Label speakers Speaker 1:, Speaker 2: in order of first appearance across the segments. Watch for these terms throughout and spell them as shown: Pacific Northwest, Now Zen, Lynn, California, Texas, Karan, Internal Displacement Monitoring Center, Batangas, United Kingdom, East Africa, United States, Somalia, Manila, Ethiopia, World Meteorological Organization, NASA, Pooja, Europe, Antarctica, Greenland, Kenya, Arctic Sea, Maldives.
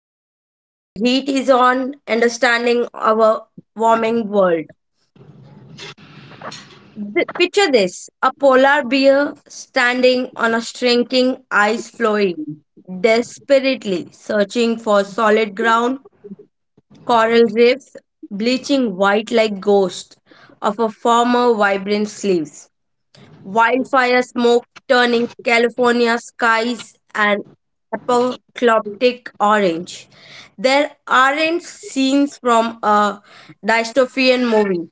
Speaker 1: to the episode The Heat is On Understanding Our Warming World. Picture this, a polar bear standing on a shrinking ice floe, desperately searching for solid ground, coral reefs bleaching white like ghosts of a former vibrant sleeves. Wildfire smoke turning California skies an apocalyptic orange. There aren't scenes from a dystopian movie.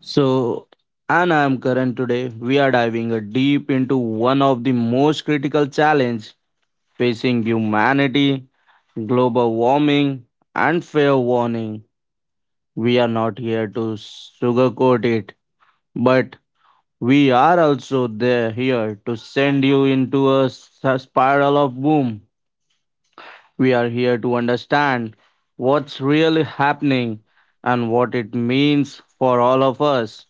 Speaker 2: So, and I am Karan today. We are diving a deep into one of the most critical challenge facing humanity, global warming, and fair warning. We are not here to sugarcoat it, but we are also there here to send you into a spiral of boom. We are here to understand what's really happening and what it means for all of us.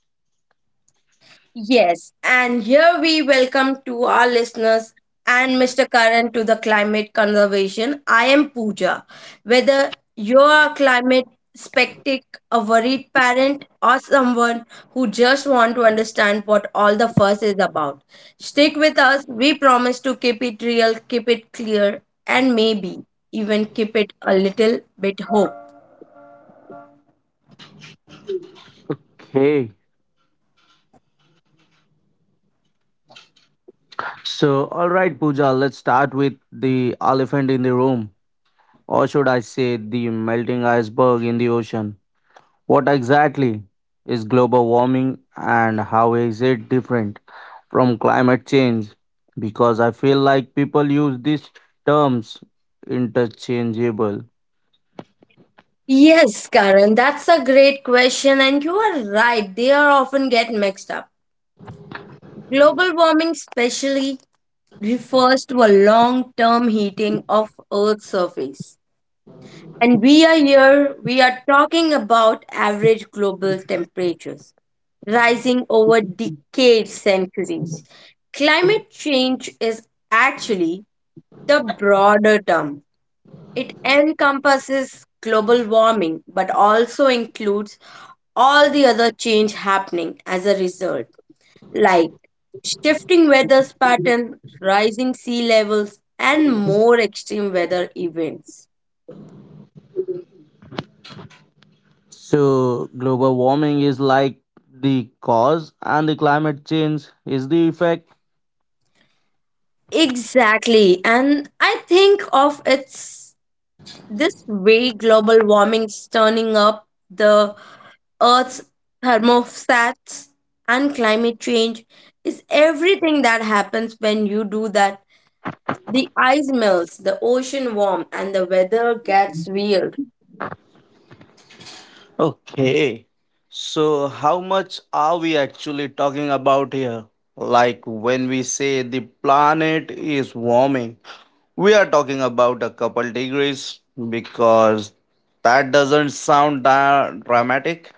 Speaker 1: Yes, and here we welcome to our listeners and Mr. Karan to the climate conservation. I am Pooja. Whether you are a climate skeptic, a worried parent, or someone who just want to understand what all the fuss is about, stick with us. We promise to keep it real, keep it clear, and maybe even keep it a little bit hope.
Speaker 2: Hey, so, all right, Pooja, let's start with the elephant in the room, or should I say, the melting iceberg in the ocean. What exactly is global warming, and how is it different from climate change? Because I feel like people use these terms interchangeable.
Speaker 1: Yes, Karan, that's a great question, and you are right. They are often get mixed up. Global warming specially refers to a long-term heating of Earth's surface. And we are here, we are talking about average global temperatures rising over decades, centuries. Climate change is actually the broader term. It encompasses global warming but also includes all the other change happening as a result, like shifting weather patterns, rising sea levels, and more extreme weather events.
Speaker 2: So, global warming is like the cause, and the climate change is the effect.
Speaker 1: Exactly. And I think of it's this way, global warming's turning up the Earth's thermostats and climate change is everything that happens when you do that. The ice melts, the ocean warms, and the weather gets weird.
Speaker 2: Okay. So, how much are we actually talking about here? Like when we say the planet is warming, we are talking about a couple degrees because that doesn't sound dramatic.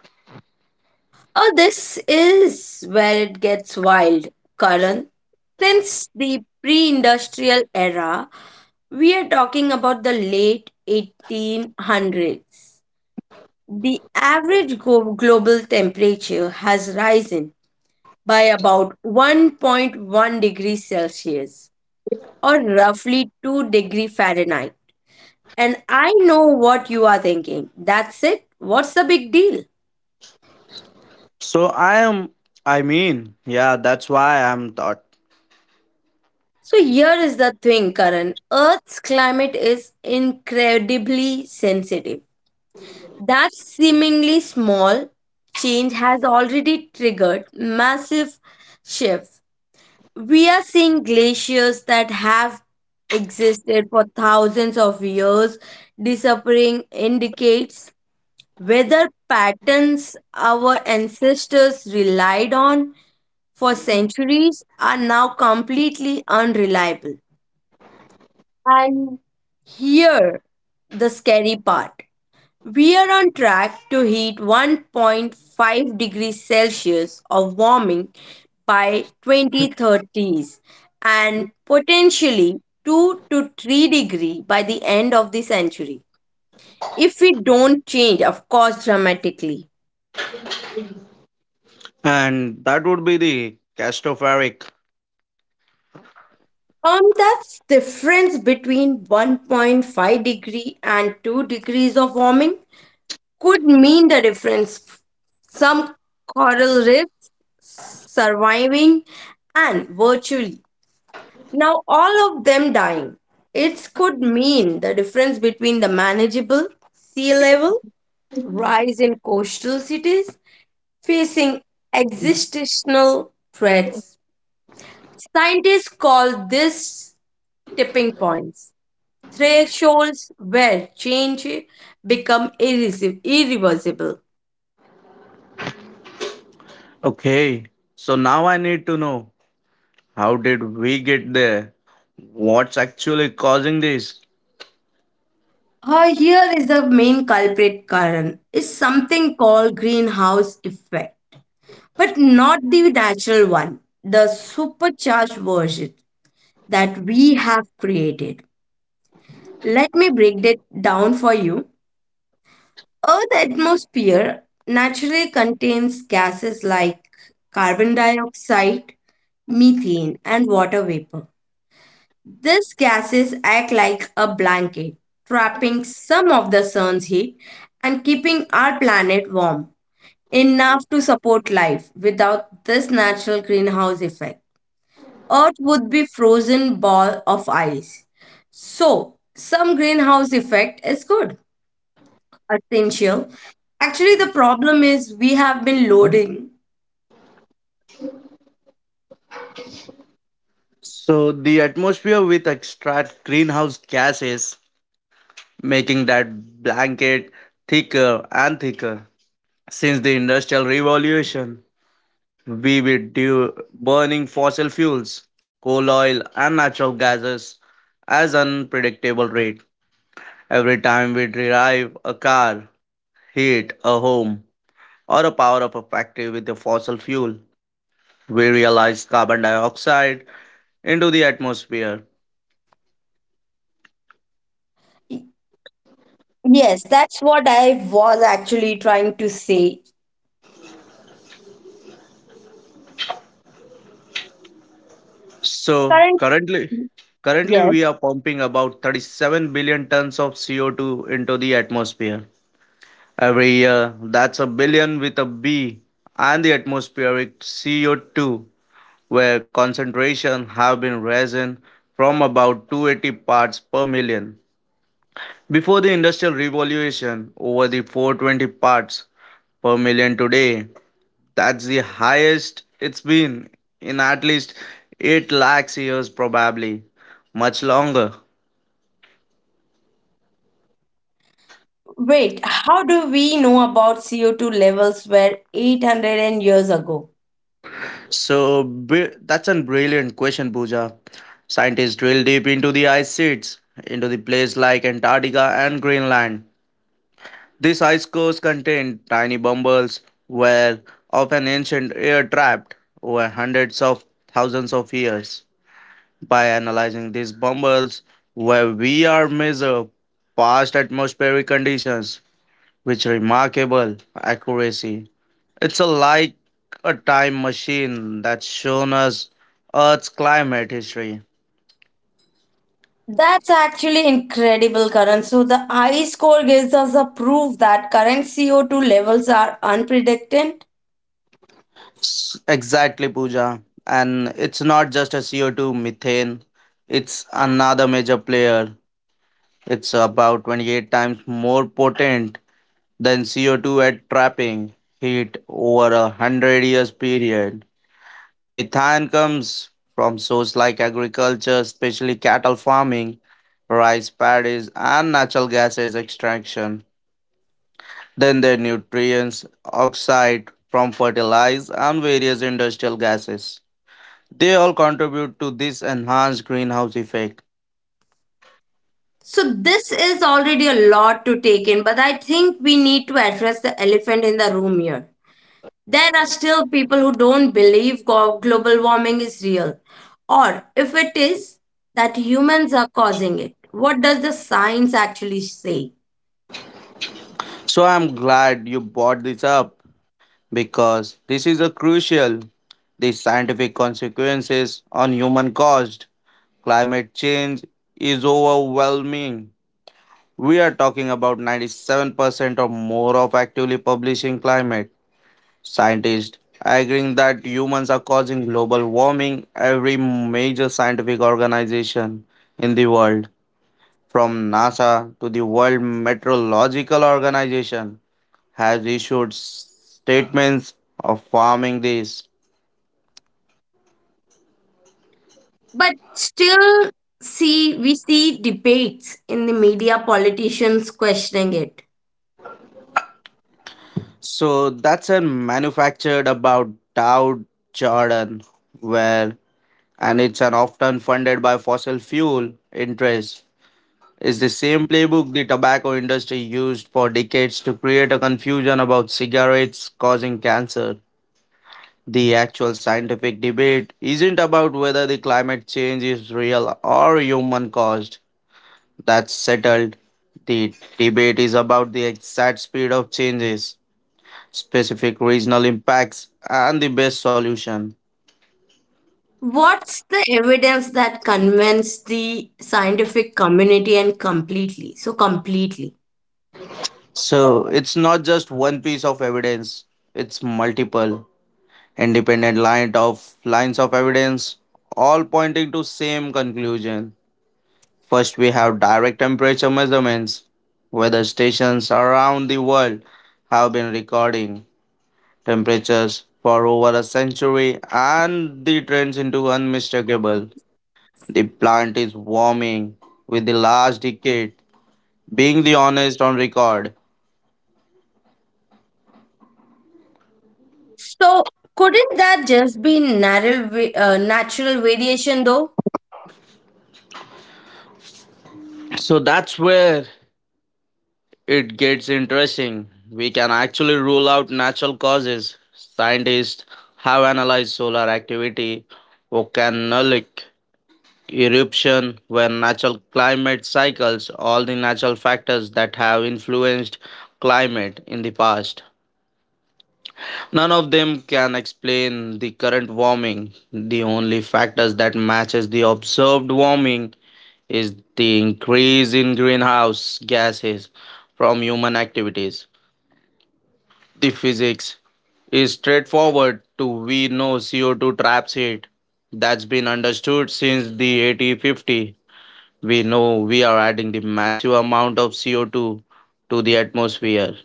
Speaker 1: Oh, this is where it gets wild, Karan. Since the pre industrial era, we are talking about the late 1800s. The global temperature has risen by about 1.1 degrees Celsius or roughly 2-degree Fahrenheit. And I know what you are thinking. That's it. What's the big deal?
Speaker 2: So, I am, I mean, yeah, that's why I'm thought.
Speaker 1: So here is the thing, Karan. Earth's climate is incredibly sensitive. That seemingly small change has already triggered massive shifts. We are seeing glaciers that have existed for thousands of years disappearing indicates weather patterns our ancestors relied on for centuries are now completely unreliable. And here, the scary part. We are on track to hit 1.5 degrees Celsius of warming by 2030s and potentially 2 to 3 degree by the end of the century if we don't change of course dramatically.
Speaker 2: And that would be the castophoric.
Speaker 1: That's difference between 1.5 degree and 2 degrees of warming could mean the difference some coral reefs surviving and virtually now all of them dying. It could mean the difference between the manageable sea level rise in coastal cities facing existential threats. Scientists call this tipping points thresholds where change irreversible.
Speaker 2: Okay. So, now I need to know how did we get there? What's actually causing this?
Speaker 1: Here is the main culprit, Karan, is something called greenhouse effect, but not the natural one, the supercharged version that we have created. Let me break it down for you. Earth's atmosphere naturally contains gases like carbon dioxide, methane, and water vapor. These gases act like a blanket, trapping some of the sun's heat and keeping our planet warm enough to support life. Without this natural greenhouse effect, Earth would be frozen ball of ice. So, some greenhouse effect is good, essential. Actually, the problem is we have been loading.
Speaker 2: So the atmosphere with extract greenhouse gases, making that blanket thicker and thicker. Since the Industrial Revolution, we were due burning fossil fuels, coal oil and natural gases as unpredictable rate. Every time we drive a car, heat a home, or a power of a factory with the fossil fuel, we realize carbon dioxide into the atmosphere.
Speaker 1: Yes, that's what I was actually trying to say.
Speaker 2: So
Speaker 1: Current.
Speaker 2: currently
Speaker 1: Yes.
Speaker 2: we are pumping about 37 billion tons of CO2 into the atmosphere every year. That's a billion with a B. And the atmospheric CO2, where concentration have been risen from about 280 parts per million. Before the Industrial Revolution, over the 420 parts per million today. That's the highest it's been in at least 8 lakhs years, probably. Much longer.
Speaker 1: Wait, how do we know about CO2 levels were 800 and years ago?
Speaker 2: So, That's a brilliant question, Pooja. Scientists drill deep into the ice sheets, into the place like Antarctica and Greenland. These ice cores contain tiny bumbles where of an ancient air trapped over hundreds of thousands of years. By analyzing these bumbles, where we are measure past atmospheric conditions with remarkable accuracy. It's a, like a time machine that's shown us Earth's climate history.
Speaker 1: That's actually incredible, Karan. So the ice core gives us a proof that current CO2 levels are unpredicted.
Speaker 2: Exactly, Pooja. And it's not just a CO2 methane, it's another major player. It's about 28 times more potent than CO2 at trapping heat over a 100 years period. Methane comes from sources like agriculture, especially cattle farming, rice paddies, and natural gases extraction. Then their nutrients, oxide from fertilizer, and various industrial gases. They all contribute to this enhanced greenhouse effect.
Speaker 1: So this is already a lot to take in, but I think we need to address the elephant in the room here. There are still people who don't believe global warming is real, or if it is, that humans are causing it. What does the science actually say?
Speaker 2: So I'm glad you brought this up because this is a crucial. The scientific consequences on human caused climate change is overwhelming. We are talking about 97% or more of actively publishing climate scientists agreeing that humans are causing global warming. Every major scientific organization in the world, from NASA to the World Meteorological Organization, has issued statements of farming this.
Speaker 1: But still, see, we see debates in the media, politicians questioning it.
Speaker 2: So that's a manufactured about Dow Jordan, where and it's an often funded by fossil fuel interests is the same playbook the tobacco industry used for decades to create a confusion about cigarettes causing cancer. The actual scientific debate isn't about whether the climate change is real or human caused. That's settled. The debate is about the exact speed of changes, specific regional impacts, and the best solution.
Speaker 1: What's the evidence that convinced the scientific community and completely? So, completely.
Speaker 2: So it's not just one piece of evidence, it's multiple. Independent line of lines of evidence all pointing to same conclusion. First we have direct temperature measurements. Weather stations around the world have been recording temperatures for over a century and the trends into unmistakable. The plant is warming, with the last decade being the honest on record.
Speaker 1: So, couldn't that just be natural variation though?
Speaker 2: So that's where it gets interesting. We can actually rule out natural causes. Scientists have analyzed solar activity, volcanic eruption, where natural climate cycles, all the natural factors that have influenced climate in the past. None of them can explain the current warming. The only factors that matches the observed warming is the increase in greenhouse gases from human activities. The physics is straightforward to we know CO2 traps heat. That's been understood since the 1850. We know we are adding the massive amount of CO2 to the atmosphere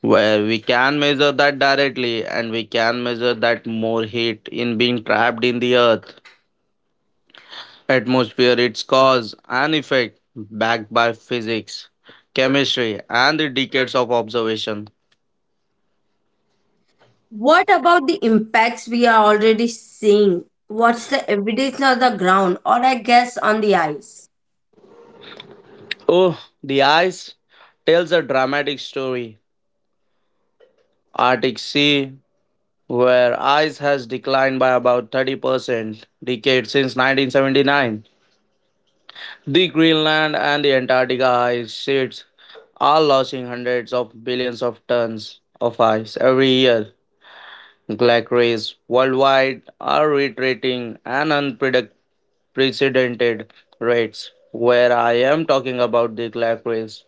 Speaker 2: where we can measure that directly, and we can measure that more heat in being trapped in the earth atmosphere. Its cause and effect backed by physics, chemistry and the decades of observation.
Speaker 1: What about the impacts we are already seeing? What's the evidence on the ground, or I guess on the ice?
Speaker 2: Oh, the ice tells a dramatic story. Arctic Sea, where ice has declined by about 30% decade since 1979. The Greenland and the Antarctica ice sheets are losing hundreds of billions of tons of ice every year. Glaciers worldwide are retreating at unprecedented rates. Where I am talking about the glaciers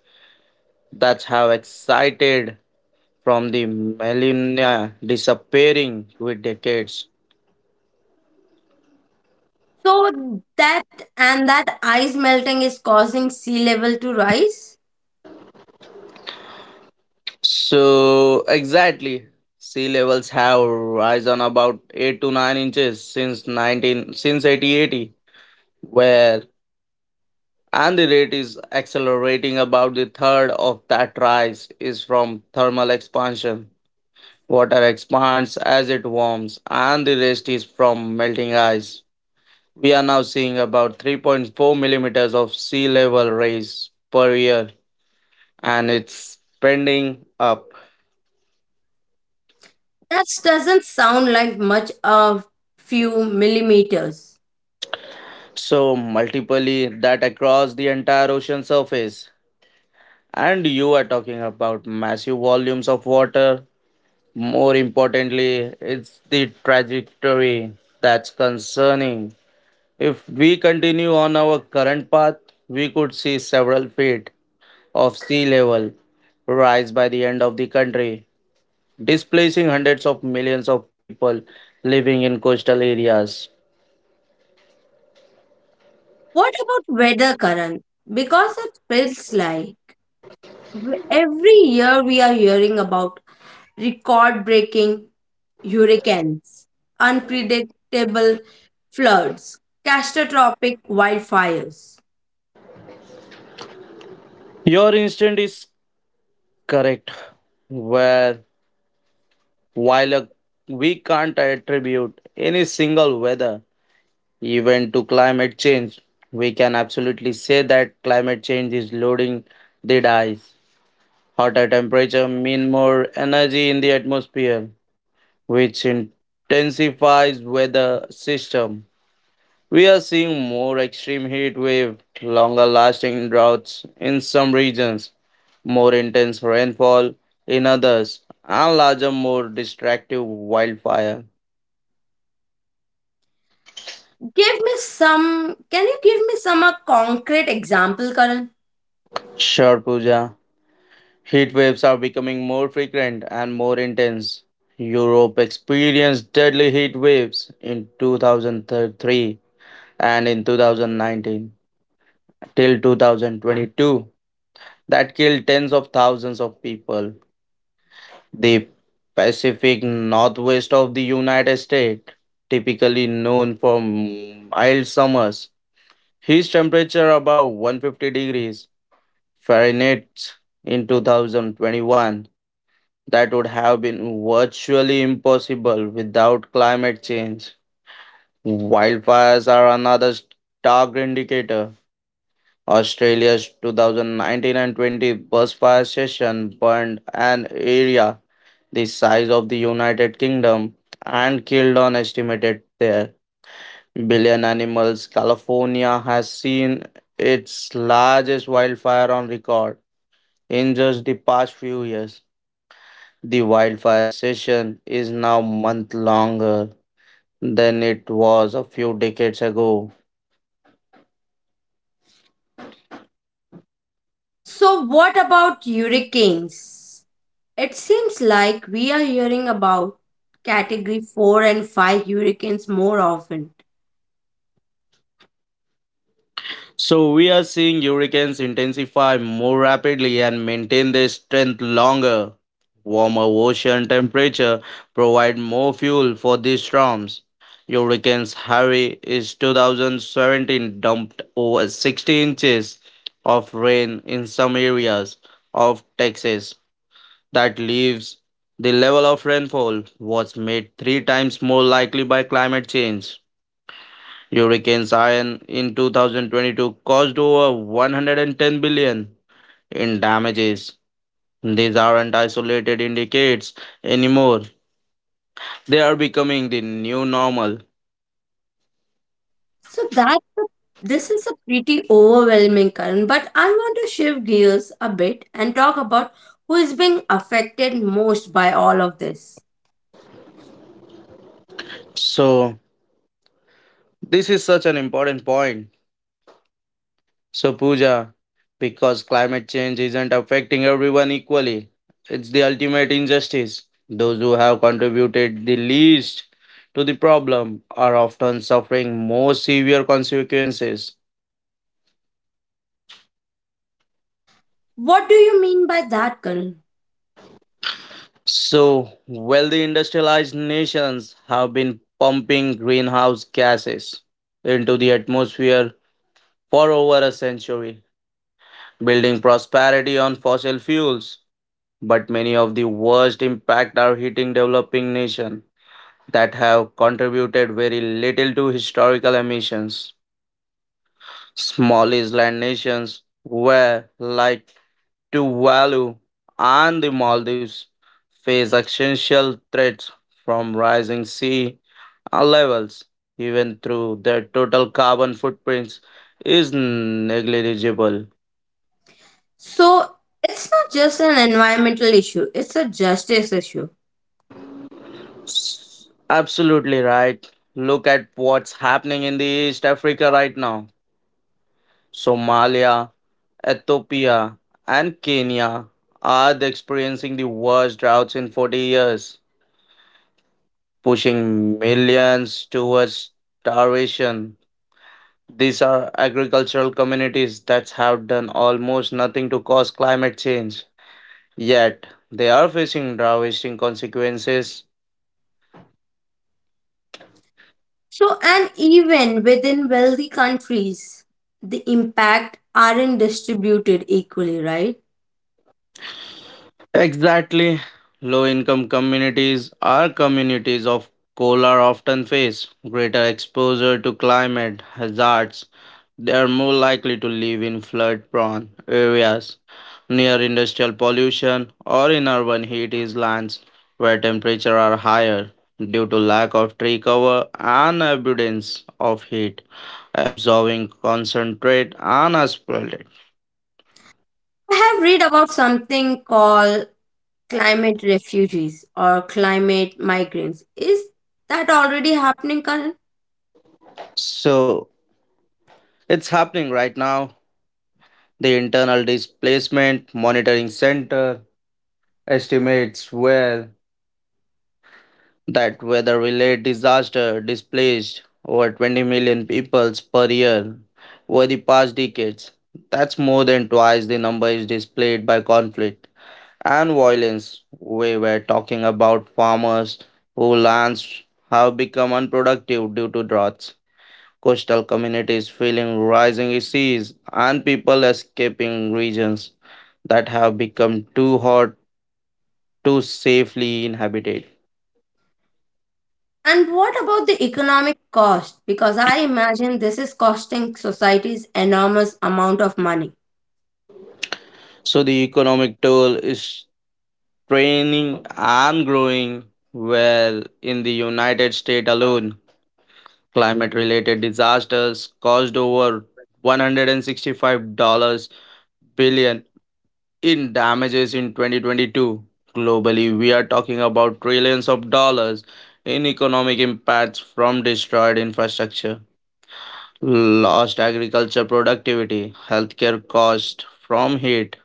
Speaker 2: that have excited from the millennia disappearing with decades.
Speaker 1: So that and that ice melting is causing sea level to rise?
Speaker 2: So exactly, sea levels have risen about 8 to 9 inches since nineteen since 1880, where and the rate is accelerating. About the third of that rise is from thermal expansion. Water expands as it warms, and the rest is from melting ice. We are now seeing about 3.4 millimeters of sea level rise per year, and it's pending up.
Speaker 1: That doesn't sound like much of few millimeters.
Speaker 2: So multiply that across the entire ocean surface and you are talking about massive volumes of water. More importantly, it's the trajectory that's concerning. If we continue on our current path, we could see several feet of sea level rise by the end of the country, displacing hundreds of millions of people living in coastal areas.
Speaker 1: What about weather current? Because it feels like every year we are hearing about record breaking hurricanes, unpredictable floods, catastrophic wildfires.
Speaker 2: Your instinct is correct. Where while a, we can't attribute any single weather event to climate change, we can absolutely say that climate change is loading the dice. Hotter temperature mean more energy in the atmosphere, which intensifies weather system. We are seeing more extreme heat waves, longer lasting droughts in some regions, more intense rainfall in others, and larger, more destructive wildfire.
Speaker 1: Can you give me some a concrete example, Karan?
Speaker 2: Sure, Pooja. Heat waves are becoming more frequent and more intense. Europe experienced deadly heat waves in 2003 and in 2019 till 2022 that killed tens of thousands of people. The Pacific Northwest of the United States, typically known for mild summers, his temperature above 150 degrees Fahrenheit in 2021. That would have been virtually impossible without climate change. Wildfires are another stark indicator. Australia's 2019 and 20 bushfire session burned an area the size of the United Kingdom, and killed on estimated there billion animals. California has seen its largest wildfire on record in just the past few years. The wildfire session is now month longer than it was a few decades ago.
Speaker 1: So, what about hurricanes? It seems like we are hearing about category 4 and 5 hurricanes more often.
Speaker 2: So we are seeing hurricanes intensify more rapidly and maintain their strength longer. Warmer ocean temperature provide more fuel for these storms. Hurricanes Harry is 2017 dumped over 60 inches of rain in some areas of Texas. That leaves the level of rainfall was made three times more likely by climate change. Hurricane Ian in 2022 caused over 110 billion in damages. These aren't isolated indicators anymore. They are becoming the new normal.
Speaker 1: So, that this is a pretty overwhelming current, but I want to shift gears a bit and talk about who is being affected most by all of this.
Speaker 2: So, this is such an important point. So, Pooja, because climate change isn't affecting everyone equally, it's the ultimate injustice. Those who have contributed the least to the problem are often suffering more severe consequences.
Speaker 1: What do you mean by that, Karan?
Speaker 2: So, wealthy industrialized nations have been pumping greenhouse gases into the atmosphere for over a century, building prosperity on fossil fuels. But many of the worst impact are hitting developing nations that have contributed very little to historical emissions. Small island nations where, like to value, and the Maldives face existential threats from rising sea levels, even though their total carbon footprints is negligible.
Speaker 1: So, it's not just an environmental issue, it's a justice issue.
Speaker 2: Absolutely right. Look at what's happening in the East Africa right now. Somalia, Ethiopia, and Kenya are experiencing the worst droughts in 40 years, pushing millions towards starvation. These are agricultural communities that have done almost nothing to cause climate change, yet they are facing devastating consequences.
Speaker 1: So, and even within wealthy countries, the impact aren't distributed equally, right?
Speaker 2: Exactly. Low income communities are communities of color often face greater exposure to climate hazards. They are more likely to live in flood prone areas near industrial pollution or in urban heat islands where temperatures are higher due to lack of tree cover and abundance of heat absorbing concentrate and aspirate.
Speaker 1: I have read about something called climate refugees or climate migrants. Is that already happening, Karan?
Speaker 2: So it's happening right now. The internal displacement monitoring center estimates where that weather related disaster displaced over 20 million peoples per year over the past decades. That's more than twice the number is displayed by conflict and violence. We were talking about farmers whose lands have become unproductive due to droughts, coastal communities feeling rising seas, and people escaping regions that have become too hot to safely inhabited.
Speaker 1: And what about the economic cost? Because I imagine this is costing societies enormous amount of money.
Speaker 2: So the economic toll is training and growing well in the United States alone. Climate related disasters caused over $165 billion in damages in 2022. Globally, we are talking about trillions of dollars in economic impacts from destroyed infrastructure, lost agriculture productivity, healthcare costs from heat,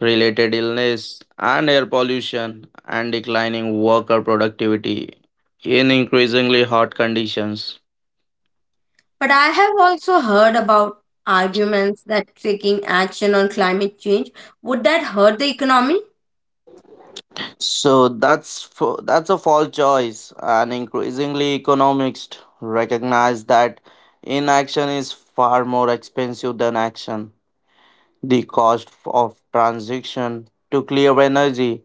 Speaker 2: related illness and air pollution and declining worker productivity in increasingly hot conditions.
Speaker 1: But I have also heard about arguments that taking action on climate change would that hurt the economy?
Speaker 2: So that's a false choice, and increasingly economists recognize that inaction is far more expensive than action. The cost of transition to clear energy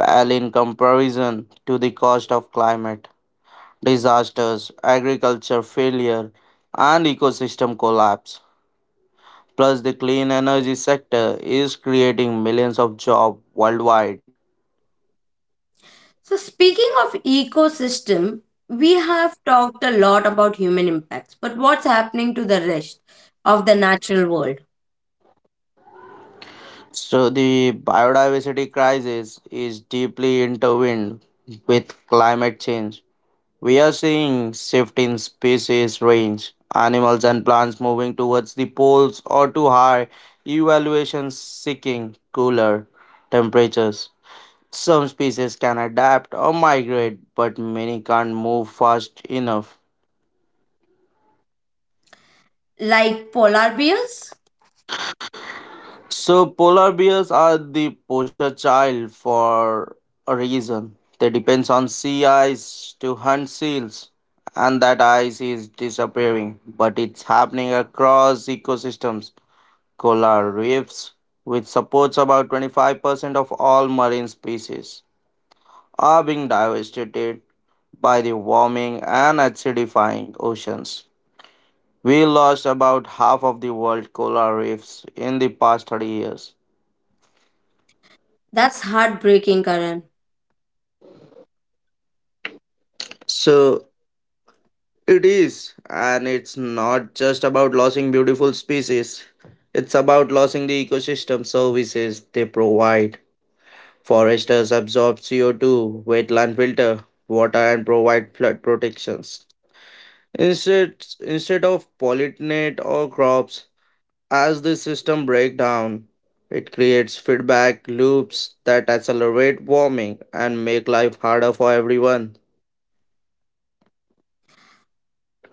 Speaker 2: pale in comparison to the cost of climate disasters, agriculture failure, and ecosystem collapse. Plus, the clean energy sector is creating millions of jobs worldwide.
Speaker 1: So, speaking of ecosystem, we have talked a lot about human impacts, but what's happening to the rest of the natural world?
Speaker 2: So, the biodiversity crisis is deeply intertwined with climate change. We are seeing shift in species range, animals and plants moving towards the poles or to high evaluations seeking cooler temperatures. Some species can adapt or migrate, but many can't move fast enough.
Speaker 1: Like polar bears?
Speaker 2: So polar bears are the poster child for a reason. They depends on sea ice to hunt seals, and that ice is disappearing, but it's happening across ecosystems. Coral reefs, which supports about 25% of all marine species, are being devastated by the warming and acidifying oceans. We lost about half of the world coral reefs in the past 30 years.
Speaker 1: That's heartbreaking, Karan.
Speaker 2: So it is, and it's not just about losing beautiful species. It's about losing the ecosystem services they provide. Foresters absorb CO2, wetland filter, water, and provide flood protections. Instead of pollinate our crops, as the system breaks down, it creates feedback loops that accelerate warming and make life harder for everyone.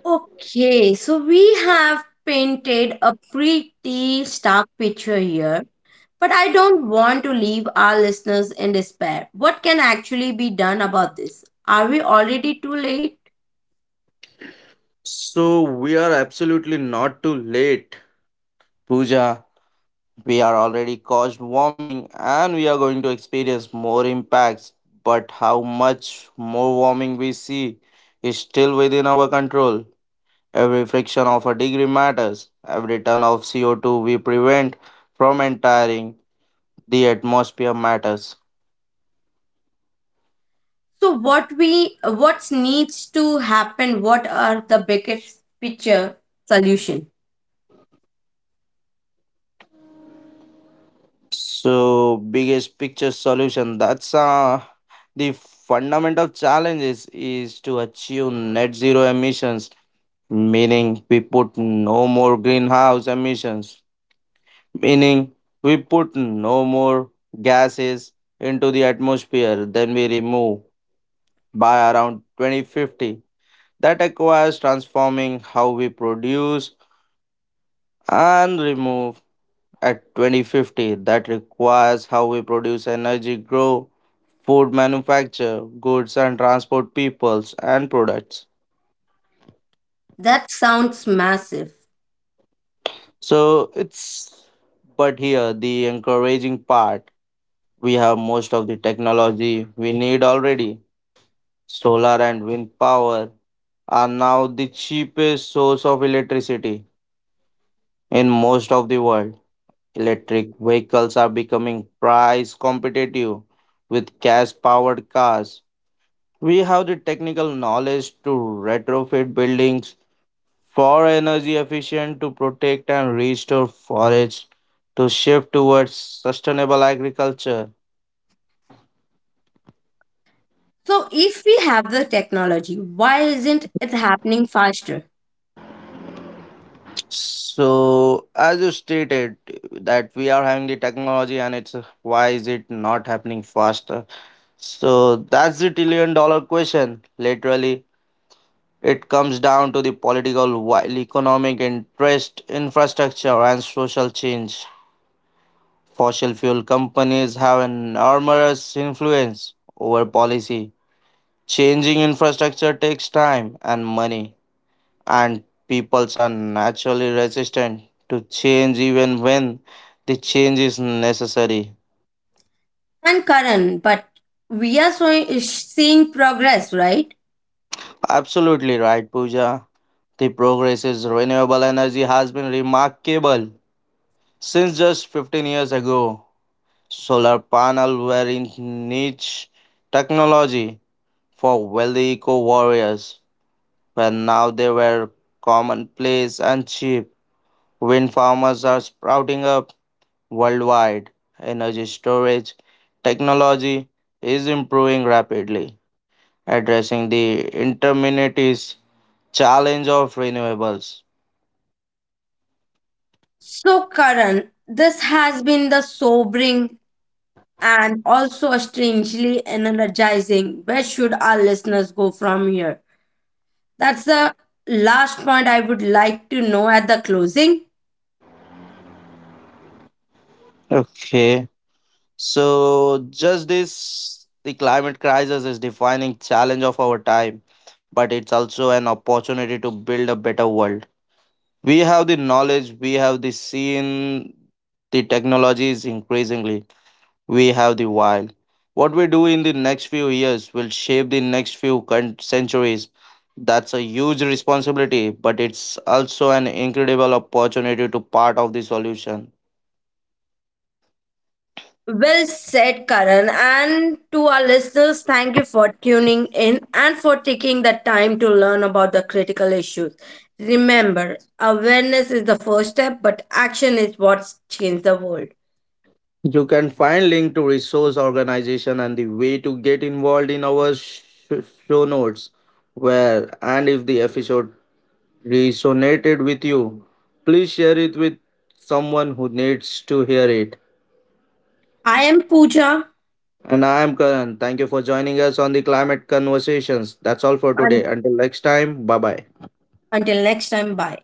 Speaker 1: Okay, so we have painted a pretty stark picture here, but I don't want to leave our listeners in despair. What can actually be done about this? Are we already too late?
Speaker 2: So we are absolutely not too late. Pooja, we are already caused warming and we are going to experience more impacts, but how much more warming we see is still within our control. Every friction of a degree matters. Every ton of CO2 we prevent from entering the atmosphere matters.
Speaker 1: So what we what needs to happen? What are the biggest picture solution?
Speaker 2: So, biggest picture solution, that's the fundamental challenge is to achieve net zero emissions, meaning we put no more greenhouse emissions, meaning we put no more gases into the atmosphere than we remove by around 2050. That requires transforming how we produce and remove at 2050. That requires how we produce energy, grow, food, manufacture, goods, and transport peoples and products.
Speaker 1: That sounds massive.
Speaker 2: So it's but here the encouraging part, we have most of the technology we need already. Solar and wind power are now the cheapest source of electricity in most of the world. Electric vehicles are becoming price competitive with gas powered cars. We have the technical knowledge to retrofit buildings for energy efficient, to protect and restore forests, to shift towards sustainable agriculture.
Speaker 1: So if we have the technology, why isn't it happening faster?
Speaker 2: So, as you stated, that we are having the technology and it's why is it not happening faster? So, that's the trillion-dollar question. Literally, it comes down to the political, while economic interest, infrastructure, and social change. Fossil fuel companies have an enormous influence over policy. Changing infrastructure takes time and money, and peoples are naturally resistant to change even when the change is necessary.
Speaker 1: And Karan, but we are so, seeing progress, right?
Speaker 2: Absolutely right, Pooja. The progress in renewable energy has been remarkable since just 15 years ago. Solar panels were in niche technology for wealthy eco warriors, but now they were commonplace and cheap. Wind farmers are sprouting up worldwide. Energy storage technology is improving rapidly, addressing the intermittent challenge of renewables.
Speaker 1: So Karan, this has been the sobering and also strangely energizing. Where should our listeners go from here? That's the last point I would like to know at the closing.
Speaker 2: Okay, so just this, the climate crisis is defining challenge of our time, but it's also an opportunity to build a better world. We have the knowledge, we have the seen the technologies, increasingly we have the wild. What we do in the next few years will shape the next few centuries. That's a huge responsibility, but it's also an incredible opportunity to part of the solution.
Speaker 1: Well said, Karan. And to our listeners, thank you for tuning in and for taking the time to learn about the critical issues. Remember, awareness is the first step, but action is what changes the world.
Speaker 2: You can find link to resource organization and the way to get involved in our show notes. Where and if the episode resonated with you, please share it with someone who needs to hear it.
Speaker 1: I am Pooja.
Speaker 2: And I am Karan. Thank you for joining us on the Climate Conversations. That's all for today.
Speaker 1: And
Speaker 2: Until next time, bye bye.
Speaker 1: until next time, bye.